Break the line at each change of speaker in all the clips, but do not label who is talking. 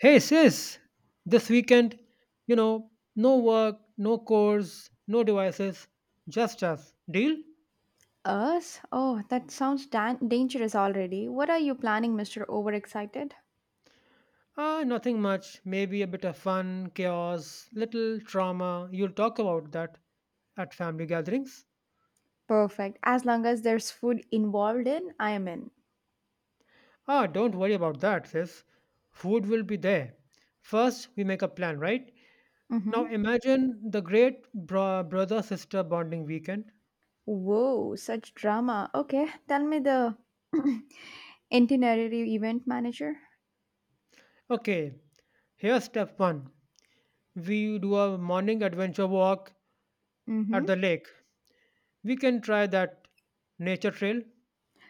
Hey sis, this weekend, you know, no work, no chores, no devices, just us. Deal?
Us? Oh, that sounds dangerous already. What are you planning, Mr. Overexcited?
Ah, nothing much. Maybe a bit of fun, chaos, little drama. You'll talk about that at family gatherings.
Perfect. As long as there's food involved in, I am in.
Ah, don't worry about that, sis. Food will be there. First, we make a plan, right? Now
Mm-hmm.
imagine the great brother sister bonding weekend.
Whoa, such drama. Okay, tell me the itinerary event manager.
Okay, here's step one. We do a morning adventure walk at the
Mm-hmm.
lake. We can try that nature trail.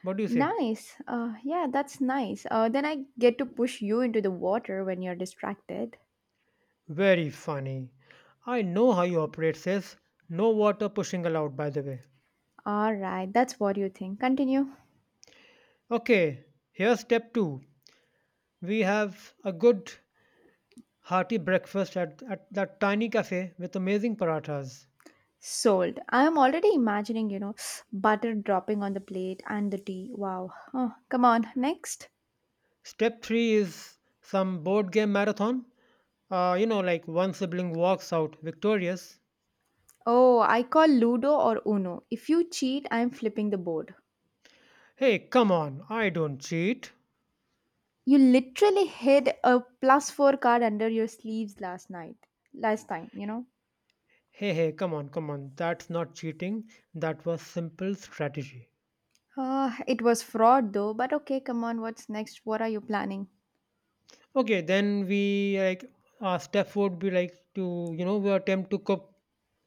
What do you say?
Nice. Yeah, that's nice. Then I get to push you into the water when you're distracted.
Very funny. I know how you operate, sis. No water pushing allowed, by the way.
All right, that's what you think. Continue.
Okay, here's step two. We have a good, hearty breakfast at that tiny cafe with amazing parathas.
Sold. I am already imagining, butter dropping on the plate and the tea. Wow. Oh, come on, next.
Step three is some board game marathon. Like one sibling walks out victorious.
Oh, I call Ludo or Uno. If you cheat, I am flipping the board.
Hey, come on, I don't cheat.
You literally hid a plus four card under your sleeves last night. Last time.
Hey, hey, come on. That's not cheating. That was simple strategy.
It was fraud though, but okay, come on, what's next? What are you planning?
Okay, then we like our step would be like to you know we attempt to cook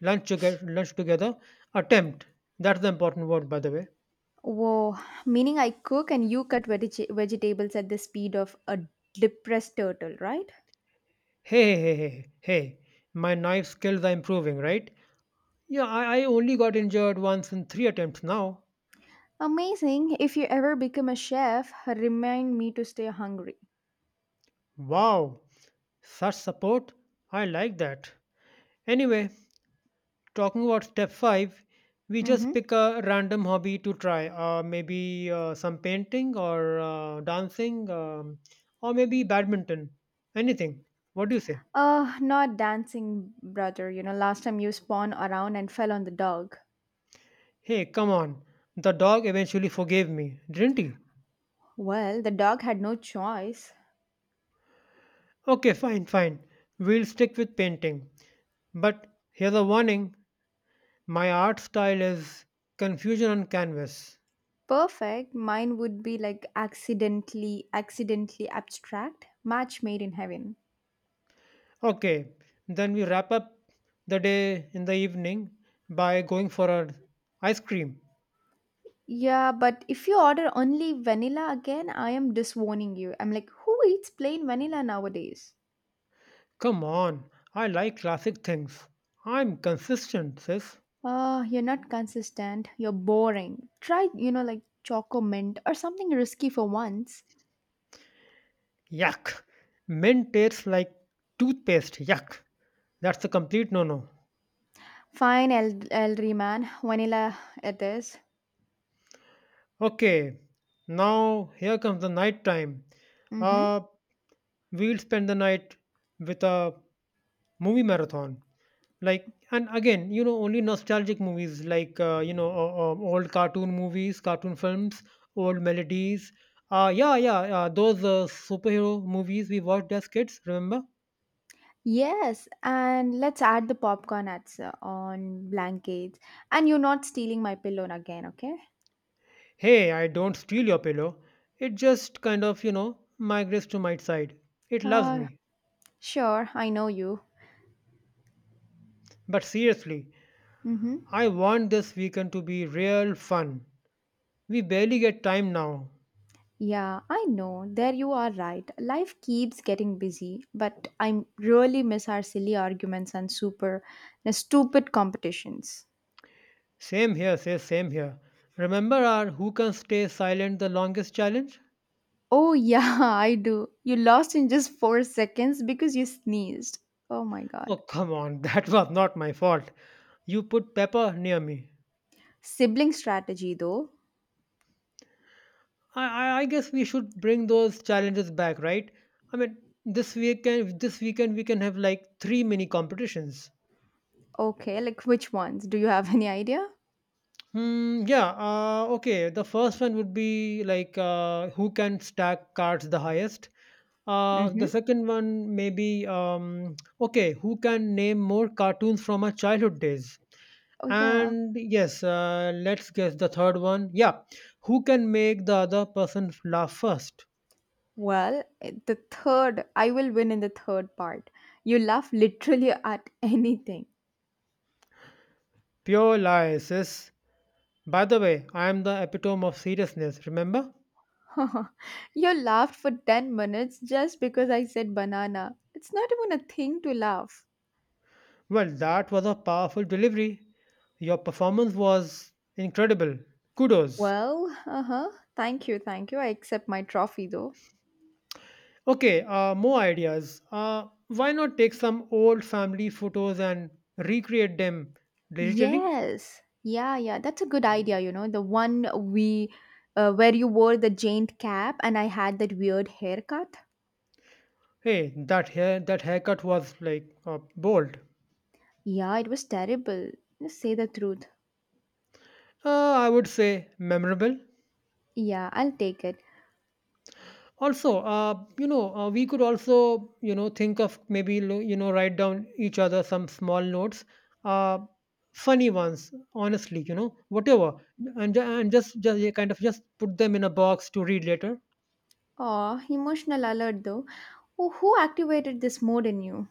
lunch together. Lunch together. Attempt. That's the important word, by the way.
Whoa, meaning I cook and you cut vegetables at the speed of a depressed turtle, right?
Hey, hey, hey, hey, hey. My knife skills are improving, right? Yeah, I only got injured once in three attempts now.
Amazing. If you ever become a chef, remind me to stay hungry.
Wow, such support. I like that. Anyway, talking about step five, we just
Mm-hmm.
pick a random hobby to try, maybe some painting or dancing, or maybe badminton, anything. What do you say?
Not dancing, brother. You know, last time you spun around and fell on the dog.
Hey, come on. The dog eventually forgave me, didn't he?
Well, the dog had no choice.
Okay, fine. We'll stick with painting. But here's a warning, my art style is confusion on canvas.
Perfect. Mine would be like accidentally abstract. Match made in heaven.
Okay, then we wrap up the day in the evening by going for a ice cream.
Yeah, but if you order only vanilla again, I am disowning you. I'm like, who eats plain vanilla nowadays?
Come on, I like classic things. I'm consistent, sis.
You're not consistent. You're boring. Try, like choco mint or something risky for once.
Yuck. Mint tastes like toothpaste. Yuck. That's a complete no no.
Fine, El elderly man. Vanilla it is.
Okay, now here comes the night time.
Mm-hmm.
Uh, we'll spend the night with a movie marathon. Like, and again, you know, only nostalgic movies like, old cartoon movies, cartoon films, old melodies. Yeah, those superhero movies we watched as kids, remember?
Yes, and let's add the popcorn ads on blankets. And you're not stealing my pillow again, okay?
Hey, I don't steal your pillow. It just kind of, you know, migrates to my side. It loves
Uh,
me.
sure. I know you.
But seriously,
Mm-hmm.
I want this weekend to be real fun. We barely get time now.
Yeah, I know. There you are right. Life keeps getting busy, but I really miss our silly arguments and super, stupid competitions.
Same here, says same here. Remember our who can stay silent the longest challenge?
Oh, yeah, I do. You lost in just 4 seconds because you sneezed. Oh my
Oh,
god.
come on, that was not my fault. You put pepper near me.
Sibling strategy, though.
I guess we should bring those challenges back, right? I mean, this weekend we can have like three mini competitions.
Okay, like which ones? Do you have any idea?
Hmm, yeah, okay. The first one would be like who can stack cards the highest. The
Mm-hmm.
second one maybe okay, who can name more cartoons from our childhood days?
Oh, yeah.
And yes, let's guess the third one. Yeah, who can make the other person laugh first?
Well, the third, I will win in the third part. You laugh literally at anything.
Pure lies, sis. By the way, I am the epitome of seriousness, remember?
You laughed for 10 minutes just because I said banana. It's not even a thing to laugh.
Well, that was a powerful delivery. Your performance was incredible. Kudos.
Well, uh huh. Thank you, thank you. I accept my trophy, though.
Okay, more ideas. Why not take some old family photos and recreate them digitally?
Yes. Yeah, yeah. That's a good idea, you know. The one we where you wore the jaint cap and I had that weird haircut.
Hey, that haircut was like bold.
Yeah, it was terrible. Just say the truth.
I would say memorable.
Yeah, I'll take it.
Also, we could also, you know, think of maybe you know write down each other some small notes, uh, funny ones. Honestly, you know, whatever, and just yeah, kind of just put them in a box to read later.
Aw, emotional alert though. Who activated this mode in you?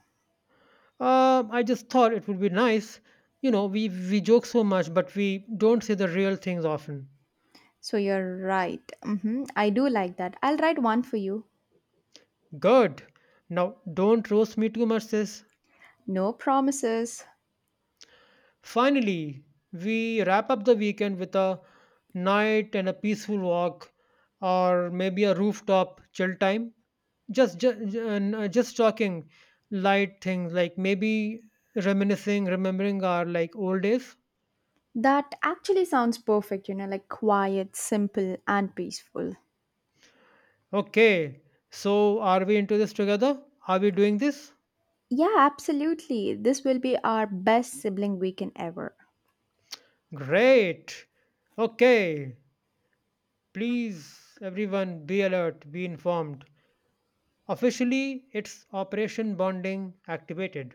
I just thought it would be nice. You know, we joke so much, but we don't say the real things often.
So you're right. Hmm, I do like that. I'll write one for you.
Good. Now, don't roast me too much, sis.
No promises.
Finally, we wrap up the weekend with a night and a peaceful walk, or maybe a rooftop chill time. Just just, just talking light things like maybe reminiscing, remembering our like old days.
That actually sounds perfect, you know, like quiet, simple, and peaceful.
Okay, so are we into this together? Are we doing this?
Yeah, absolutely. This will be our best sibling weekend ever.
Great. Okay. Please, everyone, be alert, be informed. Officially, it's Operation Bonding activated.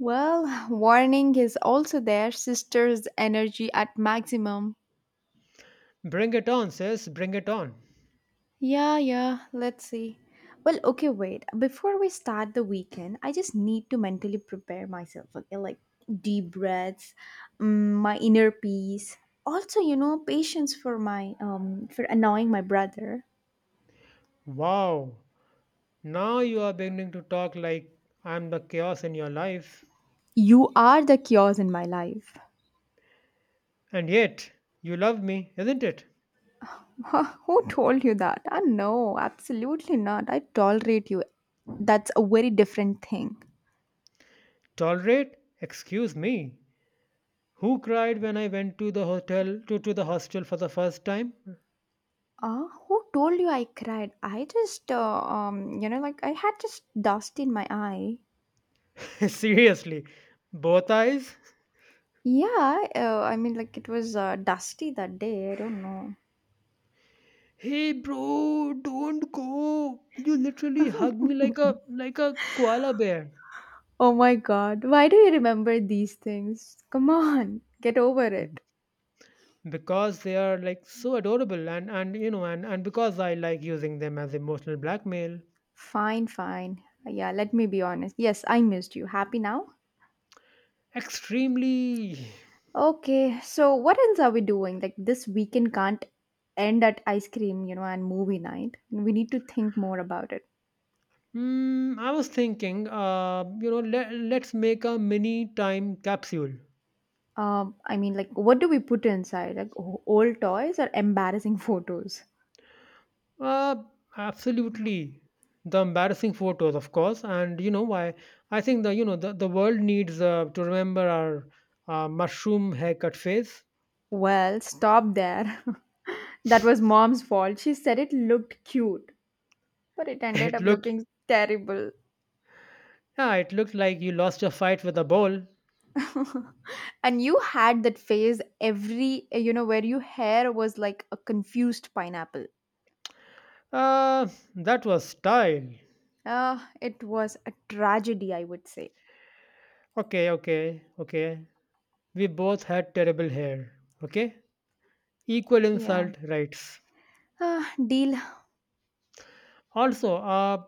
Well, warning is also there, sister's energy at maximum.
Bring it on, sis, bring it on.
Yeah, yeah, let's see. Well, okay, wait. Before we start the weekend, I just need to mentally prepare myself, okay? Like deep breaths, my inner peace. Also, you know, patience for my for annoying my brother.
Wow. Now you are beginning to talk like I'm the chaos in your life.
You are the chaos in my life.
And yet, you love me, isn't it?
Huh, who told you that? Ah, no, absolutely not. I tolerate you. That's a very different thing.
Tolerate? Excuse me. Who cried when I went to the hostel for the first time?
Ah, who told you I cried? I just like I had just dust in my eye.
Seriously, both eyes?
Yeah, I mean, like it was dusty that day. I don't know.
Hey bro, don't go. You literally hug me like a koala bear.
Oh my god, why do you remember these things? Come on, get over
B-
it.
Because they are like so adorable and you know and because I like using them as emotional blackmail.
Fine, fine. Yeah, let me be honest. Yes, I missed you. Happy now?
Extremely.
Okay, so what else are we doing? Like this weekend can't end at ice cream, you know, and movie night. We need to think more about it.
Hmm, I was thinking you know let's make a mini time capsule.
I mean, like, what do we put inside? Like old toys or embarrassing photos?
Uh, absolutely. The embarrassing photos, of course, and you know why? I think the you know the world needs to remember our mushroom haircut phase.
Well, stop there. That was mom's fault. She said it looked cute, but it ended
It
up
looked
looking terrible.
yeah, it looked like you lost your fight with a ball.
And you had that phase every, you know, where your hair was like a confused pineapple.
Uh, that was style.
It was a tragedy, I would say.
Okay, okay, okay. We both had terrible hair. Okay, equal
Yeah.
insult rights.
Ah, deal.
Also, uh,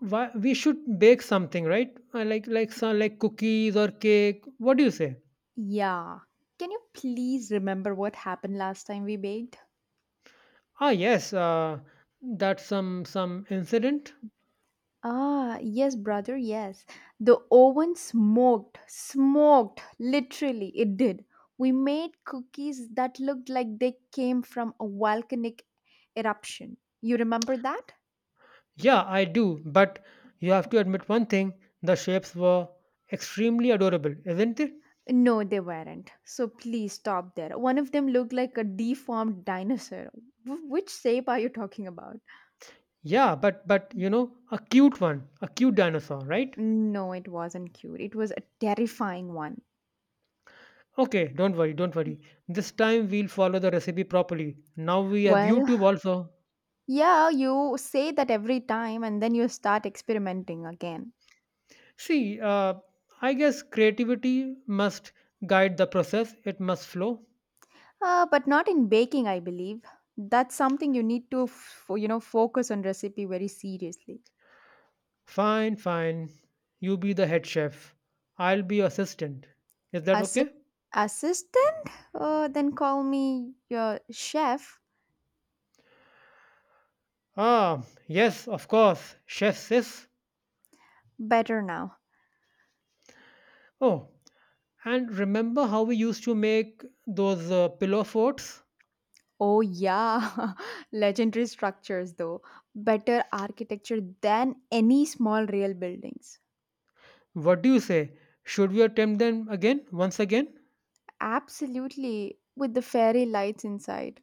why, we should bake something, right? Like like some cookies or cake. What do you say?
Yeah. Can you please remember what happened last time we baked?
Ah, yes, that's some incident.
Ah, yes, brother, yes. The oven smoked, literally, it did. We made cookies that looked like they came from a volcanic eruption. You remember that?
Yeah, I do, but you have to admit one thing: the shapes were extremely adorable, isn't it?
No, they weren't. So please stop there. One of them looked like a deformed dinosaur. Which shape are you talking about?
Yeah, but you know, a cute dinosaur, right?
No, it wasn't cute. It was a terrifying one.
Okay, don't worry. This time we'll follow the recipe properly. Now we have
Well,
YouTube also.
yeah, you say that every time and then you start experimenting again.
See, I guess creativity must guide the process; it must flow.
But not in baking, I believe. That's something you need to, you know, focus on recipe very seriously.
Fine, fine. You be the head chef. I'll be your assistant. Is that
Assi-
okay?
Assistant? Then call me your chef.
Ah, yes, of course. Chef sis.
Better now.
Oh, and remember how we used to make those pillow forts?
Oh, yeah. Legendary structures, though. Better architecture than any small real buildings.
What do you say? Should we attempt them again, once again?
Absolutely. With the fairy lights inside.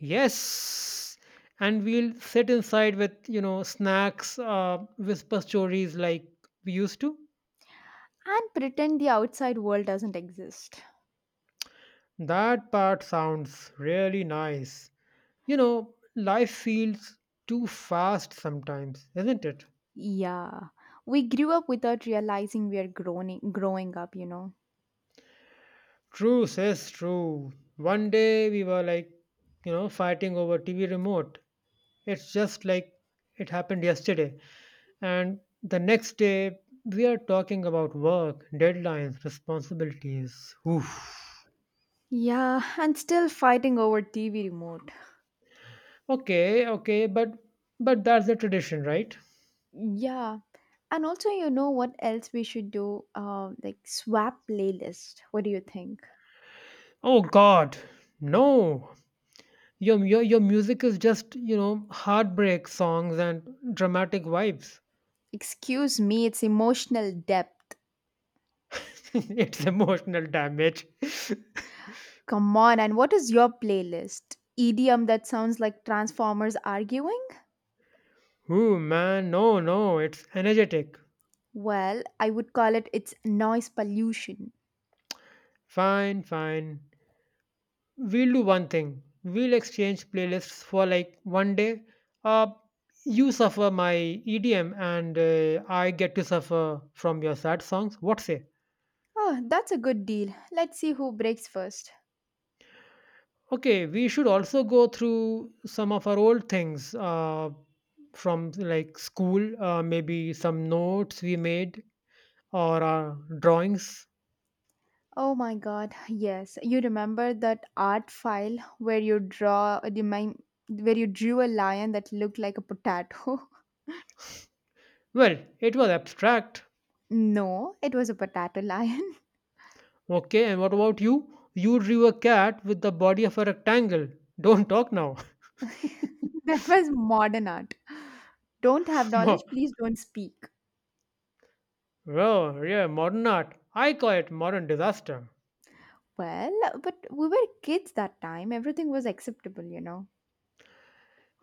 Yes. And we'll sit inside with, you know, snacks, whisper stories like we used to.
And pretend the outside world doesn't exist.
That part sounds really nice. You know, life feels too fast sometimes, isn't it?
Yeah, we grew up without realizing we are growing up, you know.
True, says true. One day we were like, you know, fighting over TV remote. It's just like it happened yesterday. And the next day we are talking about work, deadlines, responsibilities. Oof.
Yeah, and still fighting over TV remote.
Okay, okay, but that's the tradition, right?
Yeah. And also, you know what else we should do? Like swap playlist. What do you think?
Oh God, no. Your music is just, you know, heartbreak songs and dramatic vibes.
Excuse me, it's emotional depth.
It's emotional damage.
Come on, and what is your playlist? EDM that sounds like Transformers arguing?
Ooh, man, no, it's energetic.
Well, I would call it its noise pollution.
Fine, fine. We'll do one thing. We'll exchange playlists for like one day. Uh, you suffer my EDM and I get to suffer from your sad songs. What say?
Oh, that's a good deal. Let's see who breaks first.
Okay, we should also go through some of our old things from like school, maybe some notes we made or our drawings.
Oh my god, yes. You remember that art file where you draw a demon- where you drew a lion that looked like a potato?
Well, it was abstract.
No, it was a potato lion.
Okay, and what about you? You drew a cat with the body of a rectangle. Don't talk now.
That was modern art. Don't have
Mo-
knowledge, please don't speak.
Well, yeah, modern art. I call it modern disaster.
Well, but we were kids that time. Everything was acceptable, you know.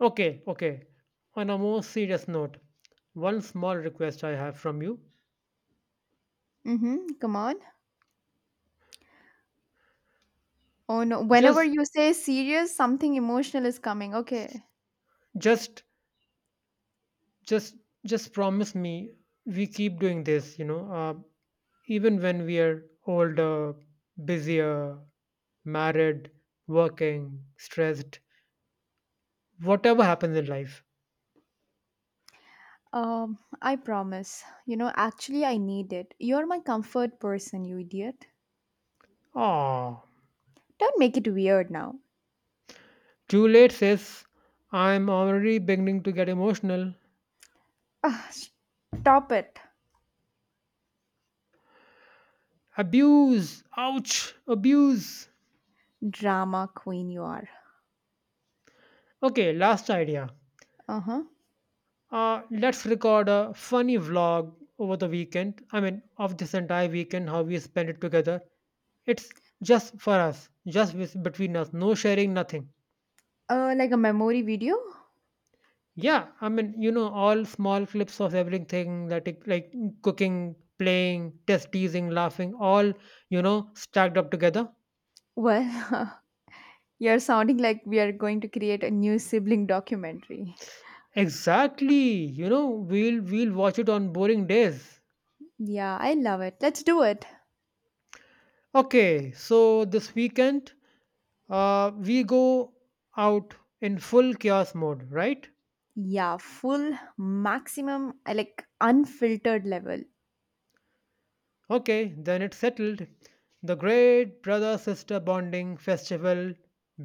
Okay, okay. On a more serious note, one small request I have from you.
Mm-hmm. Come on. Oh no. Whenever
Just,
you say serious, something emotional is coming. Okay.
just, just, just promise me we keep doing this, you know, even when we are older, busier, married, working, stressed, whatever happens in life.
I promise. You know, actually, I need it. You're my comfort person, you idiot.
Ah.
Don't make it weird now.
Juliet says, I'm already beginning to get emotional.
Ah, stop it.
Abuse! Ouch! Abuse!
Drama queen, you are.
Okay, last idea.
Uh huh.
Let's record a funny vlog over the weekend. I mean, of this entire weekend, how we spend it together. It's just for us, between us, no sharing, nothing.
Like a memory video?
Yeah, I mean, you know, all small clips of everything that it, like cooking, playing, test teasing, laughing, all, you know, stacked up together.
Well, you're sounding like we are going to create a new sibling documentary.
Exactly. You know, we'll watch it on boring days.
Yeah, I love it. Let's do it.
Okay, so this weekend, we go out in full chaos mode, right?
Yeah, full maximum, like unfiltered level.
Okay, then it's settled. The great brother sister bonding festival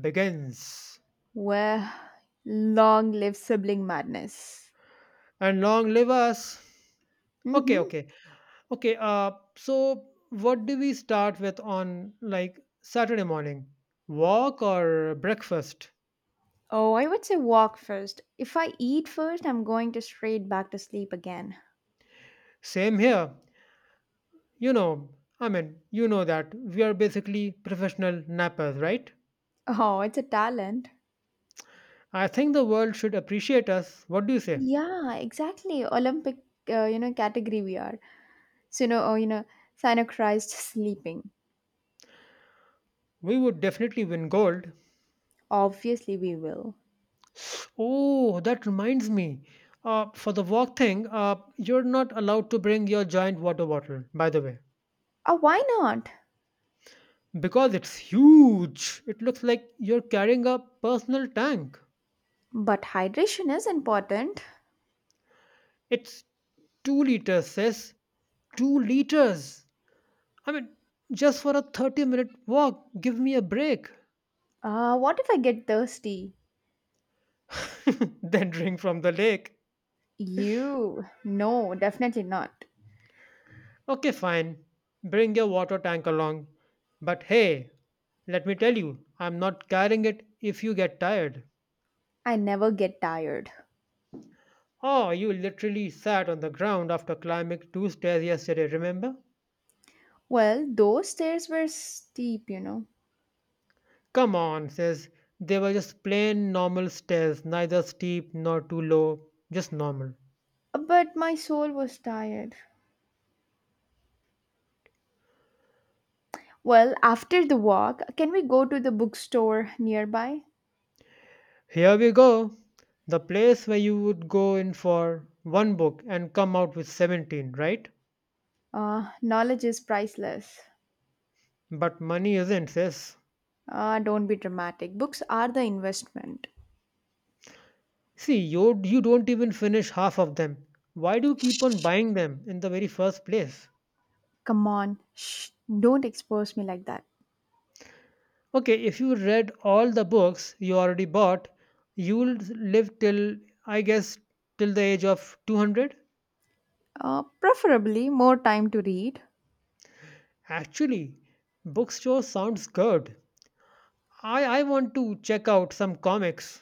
begins.
Where long live sibling madness.
And long live us.
Mm
Okay,
hmm.
okay. Okay, so what do we start with on like Saturday morning? Walk or breakfast?
Oh, I would say walk first. If I eat first, I'm going to straight back to sleep again.
Same here. You know, you know that we are basically professional nappers, right?
Oh, it's a talent.
I think the world should appreciate us. What do you say?
Yeah, exactly. Olympic, category we are. So, you know, oh, you know, synchronized sleeping.
We would definitely win gold.
Obviously, we will.
Oh, that reminds me. For the walk thing, you're not allowed to bring your giant water bottle, by the way,
Oh, why not?
because it's huge. It looks like you're carrying a personal tank.
But hydration is important.
It's 2 liters, sis. 2 liters. I mean, just for a 30-minute walk, give me a break.
What if I get thirsty?
Then drink from the lake.
You. No, definitely not.
Okay, fine. Bring your water tank along. But hey, let me tell you, I'm not carrying it if you get tired.
I never get tired.
Oh, you literally sat on the ground after climbing two stairs yesterday, remember?
Well, those stairs were steep, you know.
Come on, says they were just plain normal stairs, neither steep nor too low, just normal.
But my soul was tired. Well, after the walk, can we go to the bookstore nearby?
Here we go. The place where you would go in for one book and come out with 17, right?
Knowledge is priceless.
But money isn't, sis.
Don't be dramatic. Books are the investment.
See, you don't even finish half of them. Why do you keep on buying them in the very first place?
Come on, shh, don't expose me like that.
Okay, if you read all the books you already bought, you'll live till, I guess, till the age of 200.
Preferably more time to read.
Actually, bookstore sounds good. I want to check out some comics.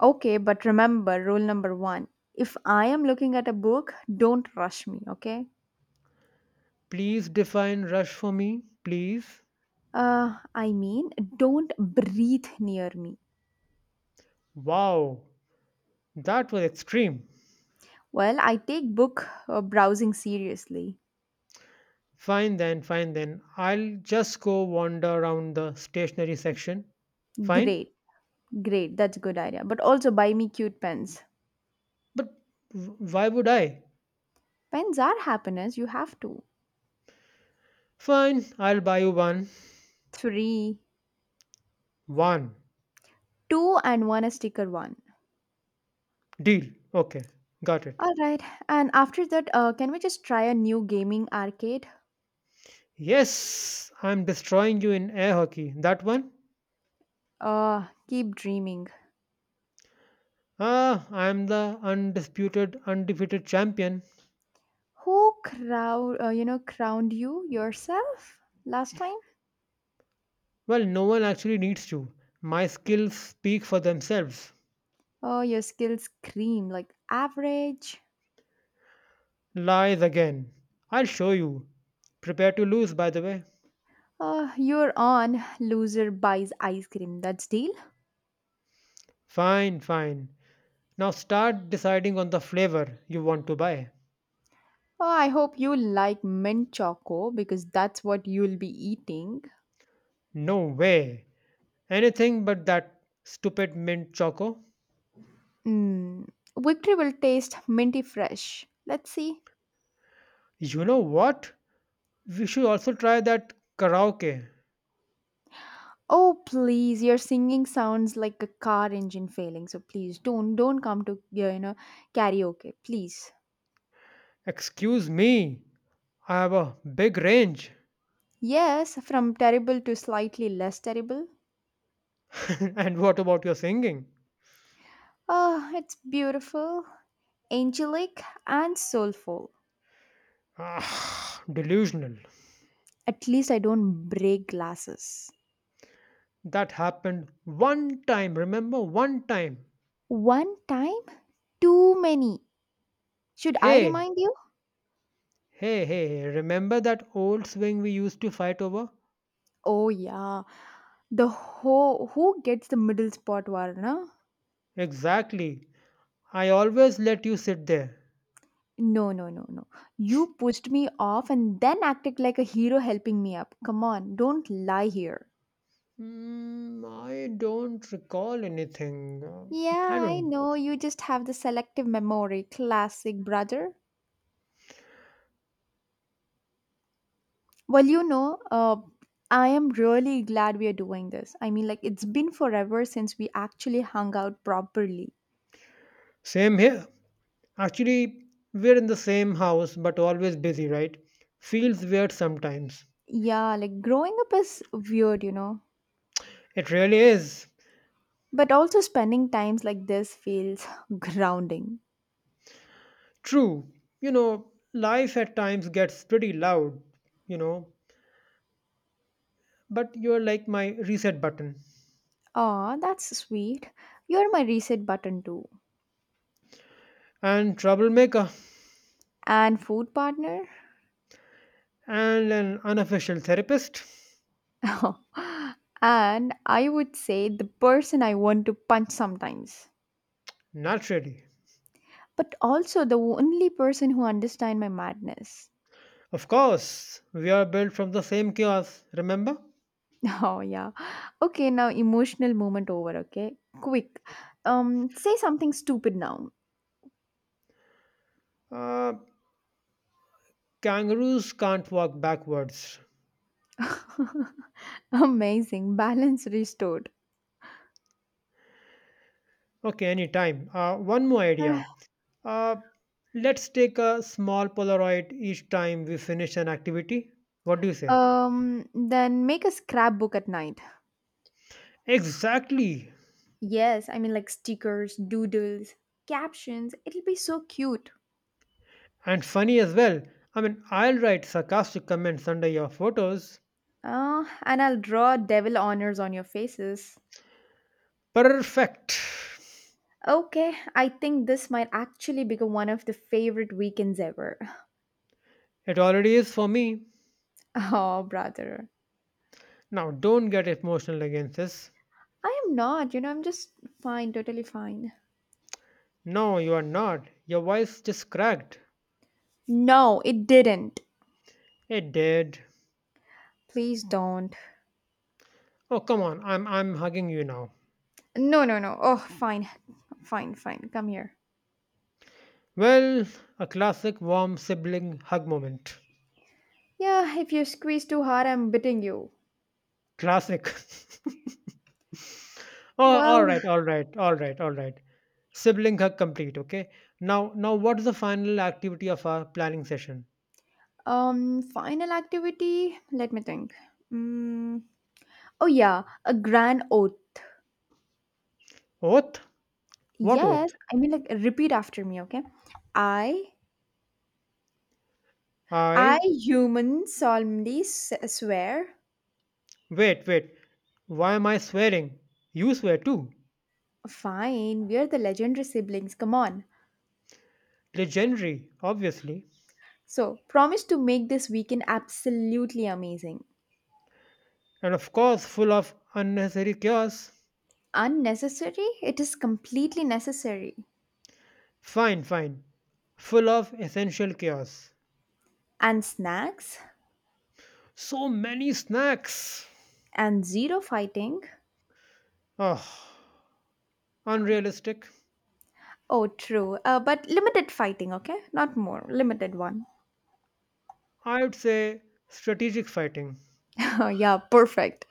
Okay, but remember rule number one if I am looking at a book, don't rush me, okay?
Please define Rush for me, please.
I mean, don't breathe near me.
Wow, that was extreme.
Well, I take book browsing seriously.
Fine then, fine then. I'll just go wander around the stationery section. Fine?
Great Great, that's a good idea. But also buy me cute pens.
But why would I?
Pens are happiness, you have to.
Fine, I'll buy you one.
Three,
One.
two, and one a sticker one.
Deal. Okay, got it.
All right, and after that, can we just try a new gaming arcade?
Yes, I'm destroying you in air hockey. That one?
Keep dreaming.
Ah, I'm the undisputed, undefeated champion.
Who crowned you yourself last time?
Well, no one actually needs to. My skills speak for themselves.
Oh, your skills scream like average.
Lies again. I'll show you. Prepare to lose, by the way.
You're on loser buys ice cream. That's deal.
Fine, fine. Now start deciding on the flavor you want to buy.
Oh, I hope you like mint choco because that's what you'll be eating.
No way. Anything but that stupid mint choco.
Mm, victory will taste minty fresh. Let's see.
You know what? We should also try that karaoke.
Oh please, your singing sounds like a car engine failing. So please don't come to karaoke, please.
Excuse me, I have a big range.
Yes, from terrible to slightly less terrible.
And what about your singing?
Ah, it's beautiful, angelic, and soulful.
Ah, delusional.
At least I don't break glasses.
That happened one time, remember? One time.
One time, too many. Should I
Hey,
remind you?
hey, remember that old swing we used to fight over?
Oh yeah, the ho who gets the middle spot, Varna?
Exactly. I always let you sit there.
No, no, no, no. You pushed me off and then acted like a hero helping me up. Come on, don't lie here.
Mm, I don't recall anything. I
Yeah, I
don't.
know. You just have the selective memory. Classic, brother. Well, you know, I am really glad we are doing this. I mean, like, it's been forever since we actually hung out properly.
Same here. Actually, we're in the same house, but always busy, right? Feels weird sometimes.
Yeah, like, growing up is weird, you know.
It really is.
But also, spending times like this feels grounding.
True. You know, life at times gets pretty loud, you know, but you're like my reset button
Aw, that's sweet. You're my reset button, too.
and troublemaker
And food partner
and an unofficial therapist.
and I would say the person I want to punch sometimes
Naturally.
but also the only person who understand my madness
Of course, we are built from the same chaos, remember?
oh yeah, okay now emotional moment over, okay, quick, say something stupid now.
Uh, Kangaroos can't walk backwards.
Amazing balance restored.
Okay, anytime. One more idea. Uh, let's take a small Polaroid each time we finish an activity. What do you
Uh,
say?
um then make a scrapbook at night.
Exactly.
Yes, I mean like stickers, doodles, captions, it'll be so cute.
And funny as well. I mean, I'll write sarcastic comments under your photos.
And I'll draw devil honors on your faces.
Perfect.
Okay, I think this might actually become one of the favorite weekends ever.
It already is for me.
Oh, brother.
Now, don't get emotional against this.
I am not, you know, I'm just fine, totally fine.
No, you are not. Your voice just cracked.
No, it didn't.
It did.
Please don't.
Oh, come on. I'm hugging you now.
No, no, no. Oh, fine. Fine, fine. Come here.
Well, a classic warm sibling hug moment.
Yeah, if you squeeze too hard, I'm biting you.
Classic. Oh, all
Well,
right, all right, all right, all right. Sibling hug complete. Okay. Now, what's the final activity of our planning session?
final activity. Let me think. Mm, oh yeah, a grand oath.
Oath? What oath?
Yes, I mean like repeat after me, okay? I I
I
human solemnly swear.
wait, wait. Why am I swearing? You swear too.
Fine, we are the legendary siblings. Come on.
Legendary, obviously,
So, promise to make this weekend absolutely amazing.
and of course, full of unnecessary chaos.
Unnecessary? It is completely necessary.
Fine, fine. Full of essential chaos.
And snacks
So many snacks.
and zero fighting.
Oh. Unrealistic?
Oh, true. But limited fighting, okay? Not more. Limited one.
I would say strategic fighting.
Yeah, perfect.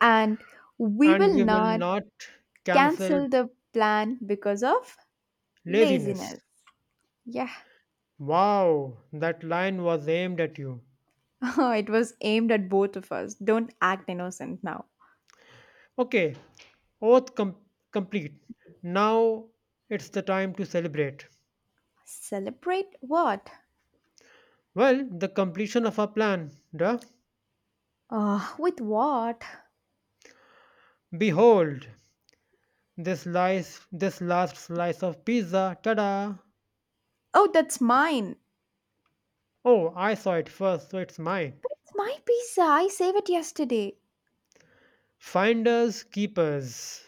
And we
And
will
we will
not
not cancel
cancel the plan because of
laziness.
laziness. Yeah,
Wow, that line was aimed at you.
it was aimed at both of us. Don't act innocent now.
Okay, oath com- complete. Now it's the time to celebrate.
Celebrate what?
Well, the completion of our plan, duh.
With what?
Behold, this slice, this last slice of pizza, ta-da!
Oh, that's mine.
Oh, I saw it first, so it's mine.
It's my pizza. I saved it yesterday.
Finders keepers,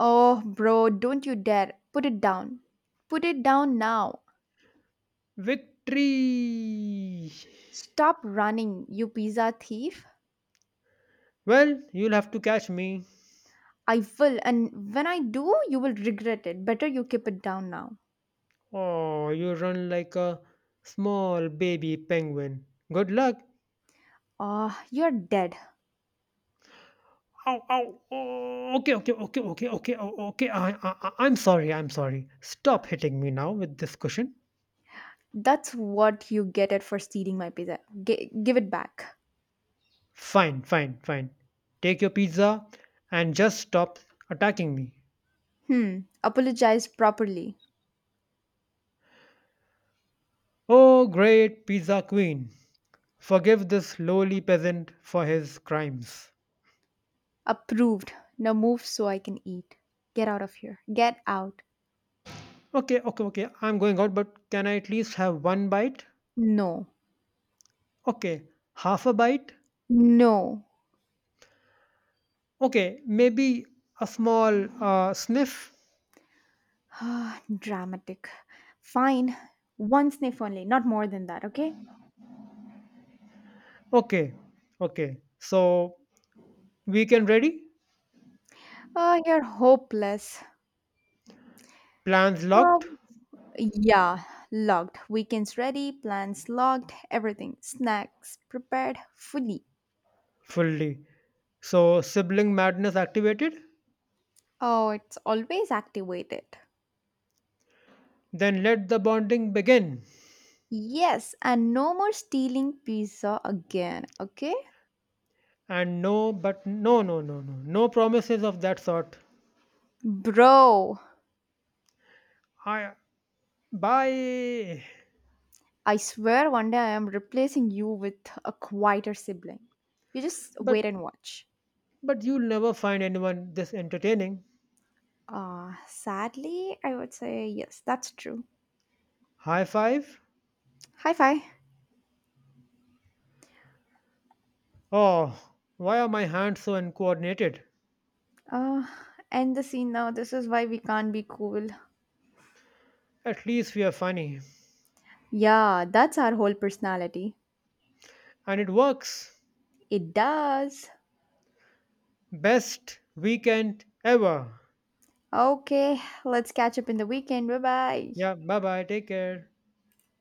Oh, bro, don't you dare. Put it down. Put it down now.
victory!
Stop running, you pizza thief.
Well, you'll have to catch me.
I will, and when I do, you will regret it. Better you keep it down now.
Oh, you run like a small baby penguin. Good luck.
Ah, you're dead.
Ow, ow, oh, okay, okay, okay, okay, okay, oh, okay. I'm sorry, I'm sorry. Stop hitting me now with this cushion.
That's what you get it for stealing my pizza. Give it back.
Fine, fine, fine. Take your pizza and just stop attacking me.
Hmm, apologize properly.
Oh, great pizza queen. Forgive this lowly peasant for his crimes.
Approved. Now move so I can eat. Get out of here. Get out.
Okay, okay, okay. I'm going out, but can I at least have one bite?
No.
Okay, half a bite.
No.
Okay, maybe a small sniff.
Ah, dramatic. Fine. One sniff only, not more than that, okay?
Okay, okay. So weekend ready,
You're hopeless.
plans locked
Um, yeah, logged. Weekends ready, plans logged, everything. Snacks prepared fully.
fully. So sibling madness activated.
Oh, it's always activated.
Then let the bonding begin.
Yes, and no more stealing pizza again, okay?
And no, but no, no, no, no, no promises of that sort.
Bro,
I bye.
I swear one day I am replacing you with a quieter sibling. You just
But
wait and watch.
but you'll never find anyone this entertaining.
Sadly, I would say yes, that's true.
High five.
Hi, fi.
Oh, why are my hands so uncoordinated?
Uh, End the scene now. This is why we can't be cool.
At least we are funny.
Yeah, that's our whole personality.
And it works.
It does.
Best weekend ever.
Okay, let's catch up in the weekend. Bye bye.
Yeah, bye bye. Take care.